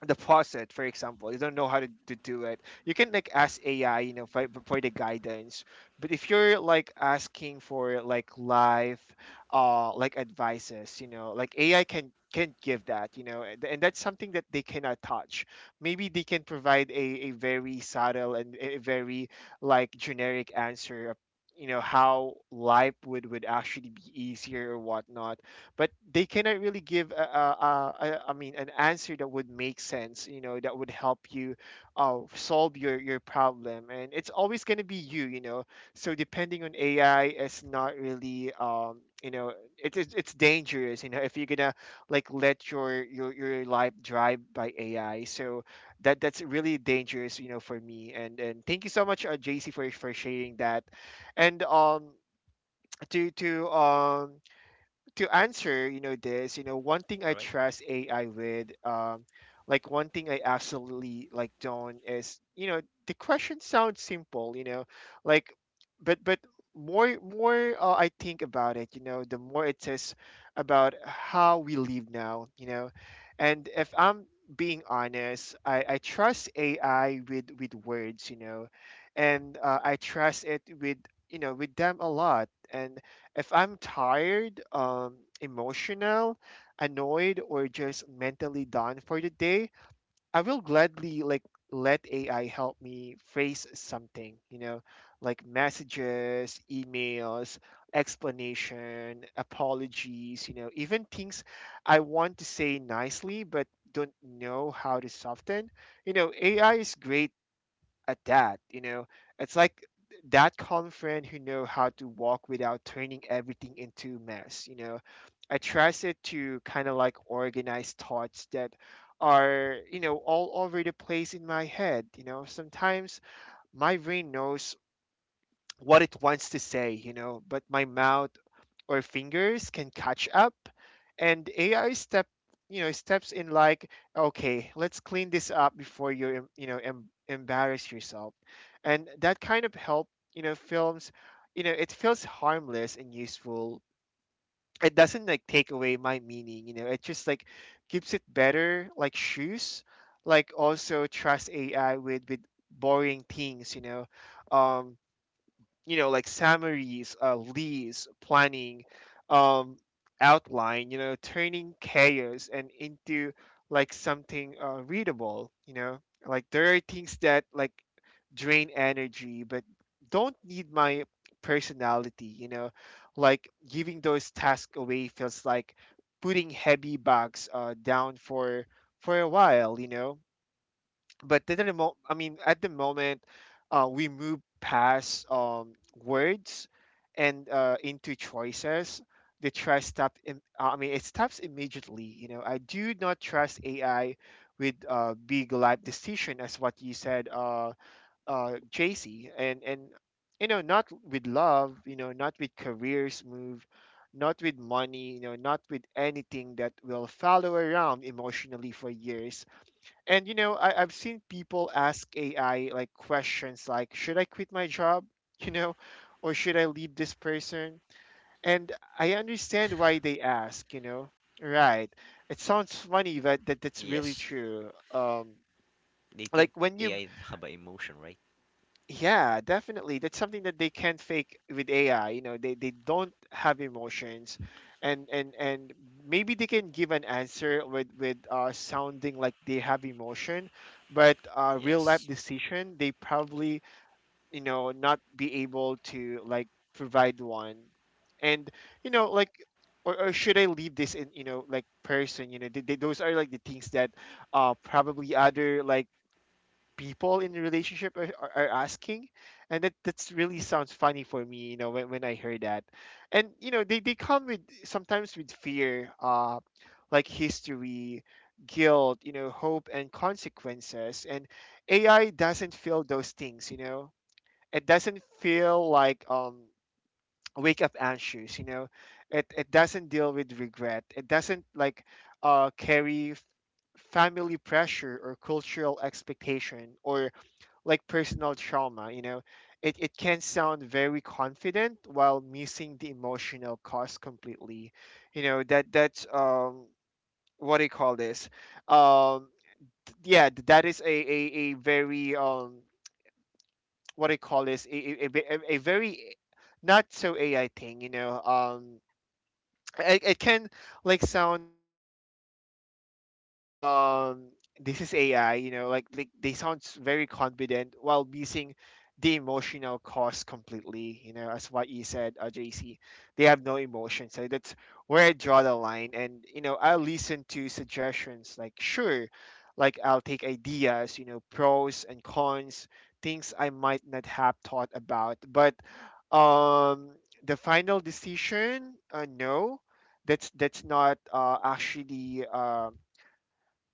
[SPEAKER 1] faucet, for example, you don't know how to, do it. You can like ask AI, you know, for, the guidance. But if you're like asking for like live, like advices, you know, like AI can give that, you know, and, that's something that they cannot touch. Maybe they can provide a very subtle and a very like generic answer of, you know, how life would actually be easier or whatnot, but they cannot really give I mean, an answer that would make sense, you know, that would help you solve your problem. And it's always going to be you, you know. So depending on AI is not really you know, it's dangerous, you know, if you're gonna like let your life drive by AI. So that's really dangerous, you know, for me. And thank you so much JC for sharing that. And to answer, you know, this, you know, one thing I
[SPEAKER 2] All right.
[SPEAKER 1] trust AI with, like one thing I absolutely like don't, is, you know, the question sounds simple, you know, like, but more more I think about it, you know, the more it says about how we live now, you know. And if I'm being honest, I trust AI with words, you know, and I trust it with, you know, with them a lot. And if I'm tired, emotional, annoyed, or just mentally done for the day, I will gladly like let AI help me phrase something, you know, like messages, emails, explanation, apologies, you know, even things I want to say nicely but don't know how to soften. You know, AI is great at that. You know, it's like that calm friend who know how to walk without turning everything into mess, you know. I trust it to kind of like organize thoughts that are, you know, all over the place in my head. You know, sometimes my brain knows what it wants to say, you know, but my mouth or fingers can catch up. And ai step, you know, steps in like, okay, let's clean this up before you you know, embarrass yourself. And that kind of help, you know, films, you know, it feels harmless and useful. It doesn't like take away my meaning, you know, it just like keeps it better, like shoes. Like, also trust ai with boring things, you know. um you know, like summaries, lists, planning, um outline, you know, turning chaos and into like something readable, you know. Like there are things that like drain energy but don't need my personality, you know. Like giving those tasks away feels like putting heavy bags down for a while, you know. But at the at the moment, we move past words and into choices. The trust stop. It stops immediately. You know, I do not trust AI with big life decision, as what you said, JC, and you know, not with love. You know, not with careers move. Not with money, you know, not with anything that will follow around emotionally for years. And you know, I've seen people ask AI like questions like, should I quit my job? (laughs) You know, or should I leave this person? And I understand why they ask, you know. Right. It sounds funny, but that's really
[SPEAKER 2] Yes,
[SPEAKER 1] true.
[SPEAKER 2] they
[SPEAKER 1] Like
[SPEAKER 2] think
[SPEAKER 1] when you,
[SPEAKER 2] AI have a emotion, right?
[SPEAKER 1] yeah, definitely. That's something that they can't fake with AI. You know, they don't have emotions. And maybe they can give an answer with sounding like they have emotion, but real life
[SPEAKER 2] Yes.
[SPEAKER 1] decision they probably, you know, not be able to like provide one, and you know like. Or should I leave this in, you know, like, person, you know, those are like the things that probably other, like, people in the relationship are asking. And that's really sounds funny for me, you know, when I heard that. And you know, they come with, sometimes, with fear, like, history, guilt, you know, hope and consequences. And AI doesn't feel those things, you know. It doesn't feel like, wake up anxious, you know. It doesn't deal with regret. It doesn't, like, carry family pressure or cultural expectation or, like, personal trauma, you know. It can sound very confident while missing the emotional cost completely, you know. That's what do you call this? um yeah, that is a very, what do you call this, a, ve- a very not so AI thing, you know. It can, like, sound very confident, you know. um this is AI, you know, like they sound very confident while missing the emotional cost completely, you know, as what you said, JC. They have no emotion, so that's where I draw the line. And, you know, I listen to suggestions, like, sure. Like, I'll take ideas, you know, pros and cons, things I might not have thought about, but um the final decision, no. That's not, actually,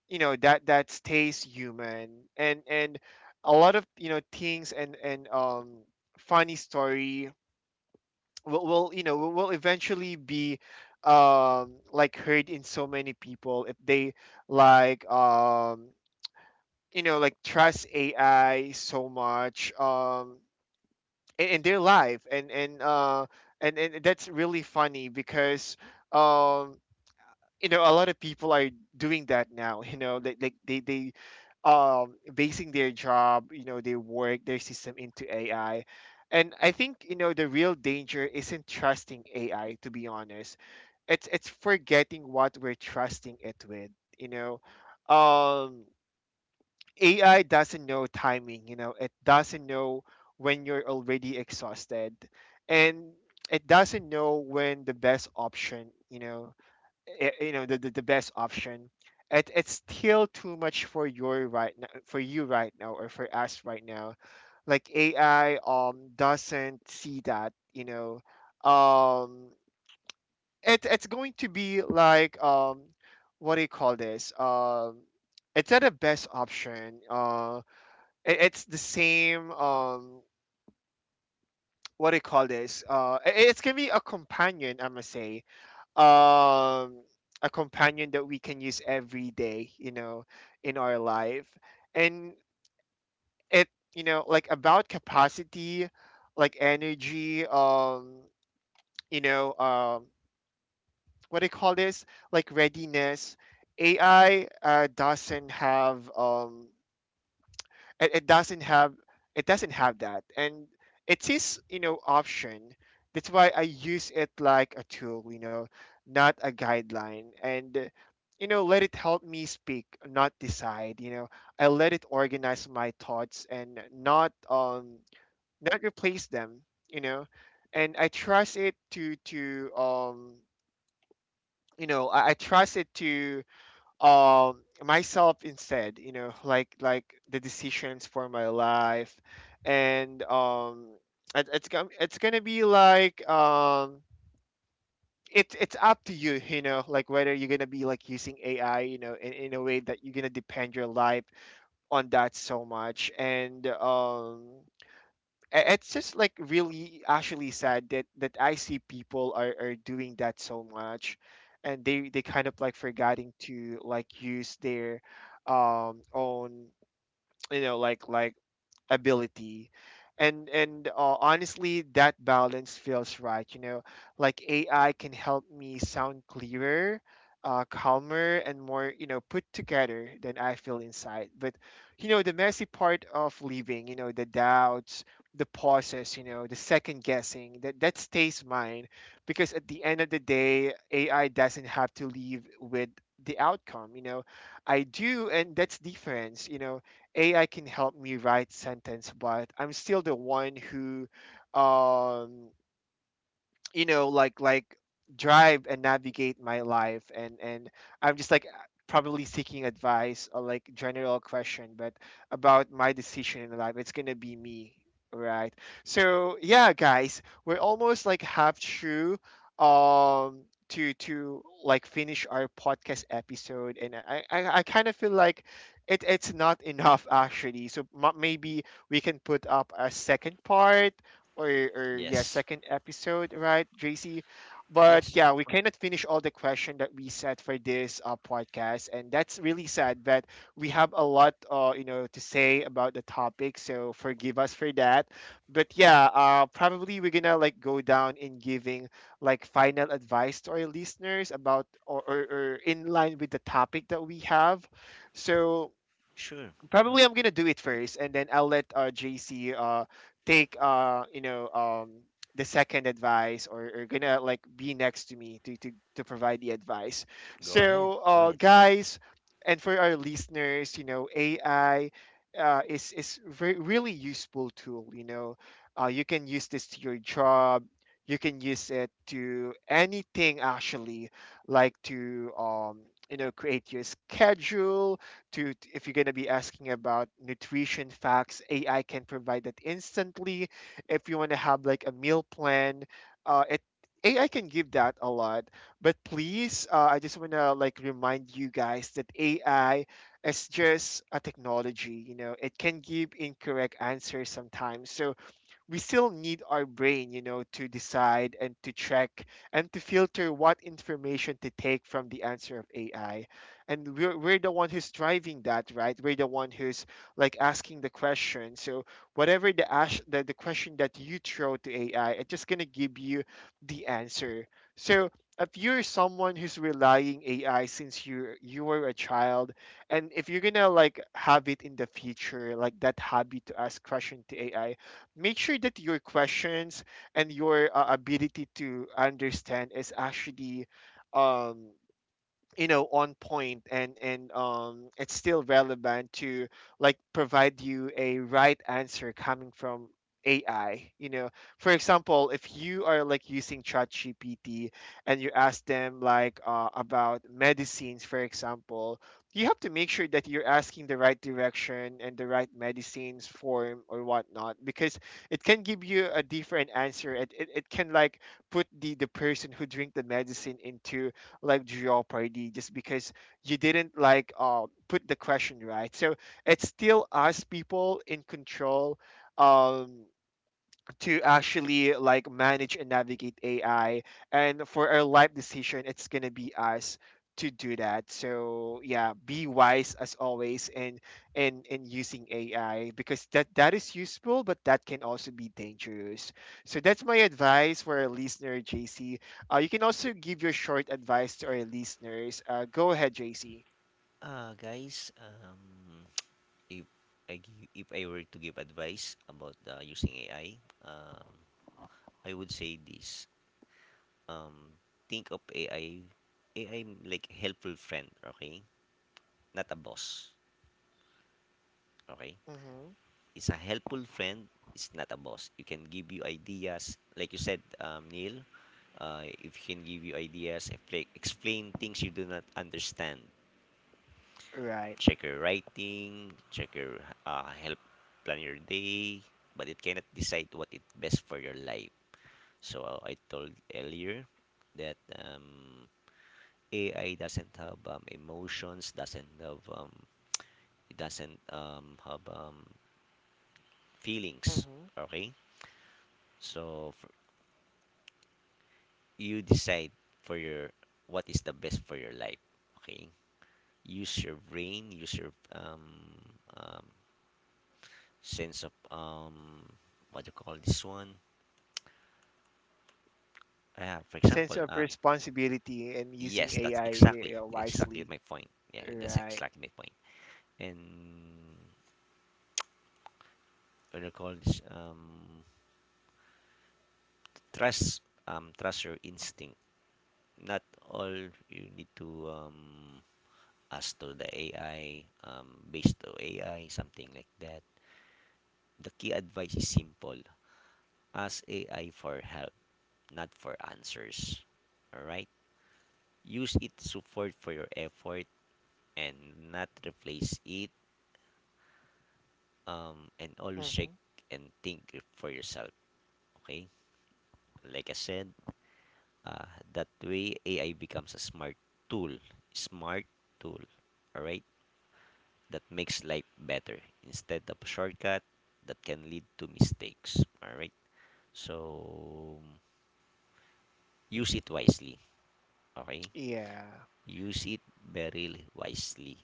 [SPEAKER 1] you know, that stays human. And a lot of, you know, things. And, funny story, will you know will eventually be, like, heard in so many people if they, like, you know, like, trust AI so much, in their life. And that's really funny because, um you know, a lot of people are doing that now, you know, like they basing their job, you know, their work, their system into AI. And I think, you know, the real danger isn't trusting AI to be honest. It's forgetting what we're trusting it with, you know. um AI doesn't know timing, you know. It doesn't know when you're already exhausted. And it doesn't know when the best option, you know, you know, the best option. It's still too much for you right now, or for us right now. Like, AI, doesn't see that, you know. Um it, it's going to be like, what do you call this, it's not a best option. It's the same, what do you call this, it's gonna be a companion, I must say. Um a companion that we can use every day, you know, in our life. And it, you know, like, about capacity, like, energy, you know, what do you call this, like, readiness. AI, doesn't have, it, it doesn't have it doesn't have that. And it is, you know, option. That's why I use it like a tool, you know, not a guideline. And, you know, let it help me speak, not decide, you know. I let it organize my thoughts and not, not replace them, you know. And I trust it to you know, I trust it to, um myself instead, you know, like the decisions for my life. And, it's gonna be like, it's up to you, you know, like, whether you're gonna be like using AI, you know, in a way that you're gonna depend your life on that so much. And it's just like really actually sad that I see people are doing that so much, and they kind of like forgetting to, like, use their, own, you know, like ability. And, honestly, that balance feels right, you know. Like, AI can help me sound clearer, calmer, and more, you know, put together than I feel inside. But, you know, the messy part of leaving, you know, the doubts, the pauses, you know, the second guessing, that stays mine. Because at the end of the day, AI doesn't have to leave with the outcome, you know. I do. And that's difference, you know. AI can help me write sentence, but I'm still the one who, um, you know, like drive and navigate my life. And I'm just like probably seeking advice or, like, general question. But about my decision in life, it's gonna be me, right. So, yeah, guys, we're almost, like, half through, um to like finish our podcast episode, and I kind of feel like it's not enough, actually. So maybe we can put up a second part, or, yeah,
[SPEAKER 2] Yes.
[SPEAKER 1] second episode, right, JC? But
[SPEAKER 2] Yes.
[SPEAKER 1] yeah, we cannot finish all the question that we set for this, podcast, and that's really sad that we have a lot, you know, to say about the topic. So forgive us for that. But yeah, probably we're gonna like go down in giving, like, final advice to our listeners about, or in line with the topic that we have. So,
[SPEAKER 2] Sure. No,
[SPEAKER 1] probably I'm gonna do it first, and then I'll let, JC take, you know, the second advice, or gonna, like, be next to me to provide the advice.
[SPEAKER 2] go ahead.
[SPEAKER 1] So,
[SPEAKER 2] Go ahead.
[SPEAKER 1] guys, and for our listeners, you know, AI is very really useful tool. You know, you can use this to your job. You can use it to anything, actually, like, to, you know, create your schedule, if you're going to be asking about nutrition facts, AI can provide that instantly. If you want to have, like, a meal plan, it AI can give that a lot. But please, I just want to, like, remind you guys that AI is just a technology, you know. It can give incorrect answers sometimes, so we still need our brain, you know, to decide and to check and to filter what information to take from the answer of AI. And we're the one who's driving that, right? We're the one who's, like, asking the question. So whatever the question that you throw to AI, it's just going to give you the answer. So if you're someone who's relying AI since you were a child, and if you're gonna, like, have it in the future, like, that habit to ask question to AI, make sure that your questions and your, ability to understand is actually, um, you know, on point, and it's still relevant to, like, provide you a right answer coming from AI, you know. For example, if you are, like, using ChatGPT, and you ask them, like, about medicines, for example, you have to make sure that you're asking the right direction and the right medicines form or whatnot, because it can give you a different answer, and it can, like, put the person who drink the medicine into, like, Jeopardy, just because you didn't, like, put the question right. So, it's still us people in control. Um, to actually, like, manage and navigate AI. And for our life decision, it's gonna be us to do that. So yeah, be wise as always in using AI, because that is useful, but that can also be dangerous. So that's my advice for our listener, JC. You can also give your short advice to our listeners. Go ahead, JC.
[SPEAKER 2] Guys, (tsk) if if I were to give advice about using AI, um, I would say this. Um, think of AI, like helpful friend, okay? Not a boss, okay?
[SPEAKER 1] Mm-hmm.
[SPEAKER 2] It's a helpful friend. It's not a boss. You can give you ideas, like you said, Neil. If he can give you ideas, explain things you do not understand,
[SPEAKER 1] Right.
[SPEAKER 2] check your writing, check your, help plan your day, but it cannot decide what is best for your life. So I told earlier that AI doesn't have emotions, doesn't have it doesn't um, have um, feelings.
[SPEAKER 1] Mm-hmm.
[SPEAKER 2] Okay, so you decide for your, what is the best for your life. Okay, use your brain, use your um, sense of what do you call this one. For
[SPEAKER 1] Sense
[SPEAKER 2] example,
[SPEAKER 1] of responsibility and using
[SPEAKER 2] yes, that's
[SPEAKER 1] AI,
[SPEAKER 2] exactly
[SPEAKER 1] wisely.
[SPEAKER 2] my point. Yeah, that's
[SPEAKER 1] Right.
[SPEAKER 2] exactly my point. And what do you call this? Trust, trust your instinct. Not all you need to ask to the AI, based to AI, something like that. The key advice is simple: ask AI for help, not for answers. All right. Use it support for your effort and not replace it, and always check
[SPEAKER 1] Mm-hmm.
[SPEAKER 2] and think for yourself. Okay? Like I said, uh, that way AI becomes a smart tool. Smart tool. Alright? That makes life better instead of a shortcut that can lead to mistakes. Alright? So, use it wisely. Okay?
[SPEAKER 1] Yeah.
[SPEAKER 2] Use it very wisely.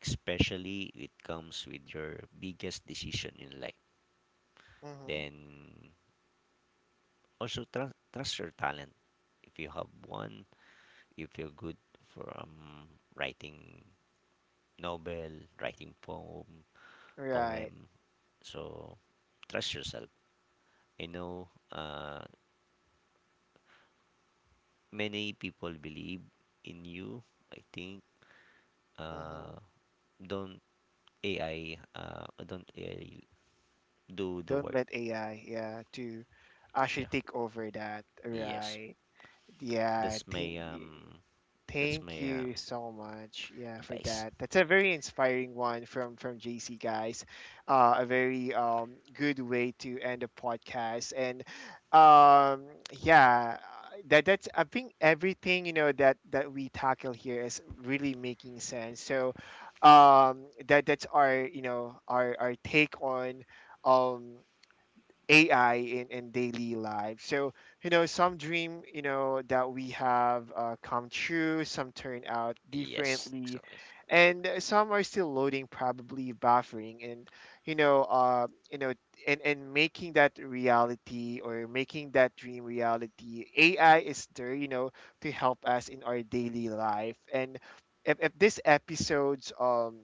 [SPEAKER 2] Especially it comes with your biggest decision in life.
[SPEAKER 1] Mm-hmm.
[SPEAKER 2] Then also trust, trust your talent if you have one, if you're good for, writing novel, writing poem,
[SPEAKER 1] Right.
[SPEAKER 2] poem so trust yourself. I know, many people believe in you, I think, uh,
[SPEAKER 1] Mm-hmm.
[SPEAKER 2] don't, ai don't AI do the
[SPEAKER 1] Don't
[SPEAKER 2] work.
[SPEAKER 1] let AI, yeah, to actually
[SPEAKER 2] Yeah,
[SPEAKER 1] take over that.
[SPEAKER 2] yes.
[SPEAKER 1] Right. Yeah, I
[SPEAKER 2] that's my
[SPEAKER 1] think.
[SPEAKER 2] um that's
[SPEAKER 1] Thank
[SPEAKER 2] my
[SPEAKER 1] you so much. Yeah, for
[SPEAKER 2] advice.
[SPEAKER 1] that. That's a very inspiring one from JC, guys. A very good way to end a podcast. And, yeah, that's I think everything, you know, that we tackle here is really making sense. So, that's our, you know, our take on, um AI in daily life. So, you know, some dream, you know, that we have, come true, some turn out
[SPEAKER 2] Yes,
[SPEAKER 1] differently,
[SPEAKER 2] exactly.
[SPEAKER 1] and, some are still loading, probably buffering, and, you know, and making that reality, or making that dream reality, AI is there, you know, to help us in our daily life. And if this episode's,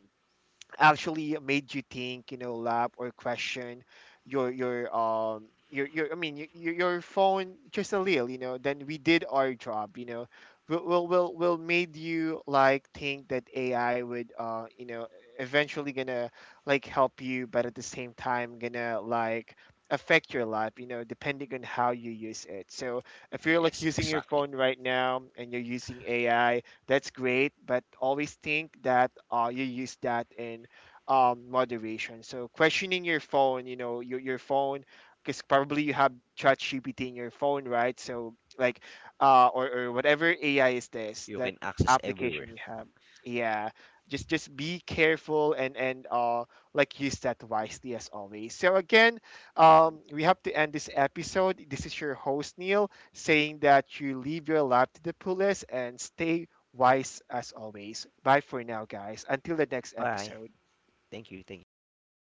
[SPEAKER 1] actually made you think, you know, laugh, or question your I mean, your phone just a little, you know. Then we did our job, you know. Will made you, like, think that AI would, you know, eventually gonna, like, help you, but at the same time gonna, like, affect your life, you know, depending on how you use it. So, if you're, like,
[SPEAKER 2] Yes,
[SPEAKER 1] using your
[SPEAKER 2] exactly.
[SPEAKER 1] phone right now, and you're using AI, that's great, but always think that, you use that in, moderation. So, questioning your phone, you know, your phone, because probably you have ChatGPT in your phone, right? So, like, or whatever AI is, this
[SPEAKER 2] You
[SPEAKER 1] that
[SPEAKER 2] can access
[SPEAKER 1] application
[SPEAKER 2] everywhere.
[SPEAKER 1] you have. Yeah, just be careful, and like, use that wisely, as always. So again, we have to end this episode. This is your host Neil, saying that you leave your lap to the fullest and stay wise as always. Bye for now, guys. Until the next
[SPEAKER 2] Bye.
[SPEAKER 1] episode.
[SPEAKER 2] Thank you. Thank you.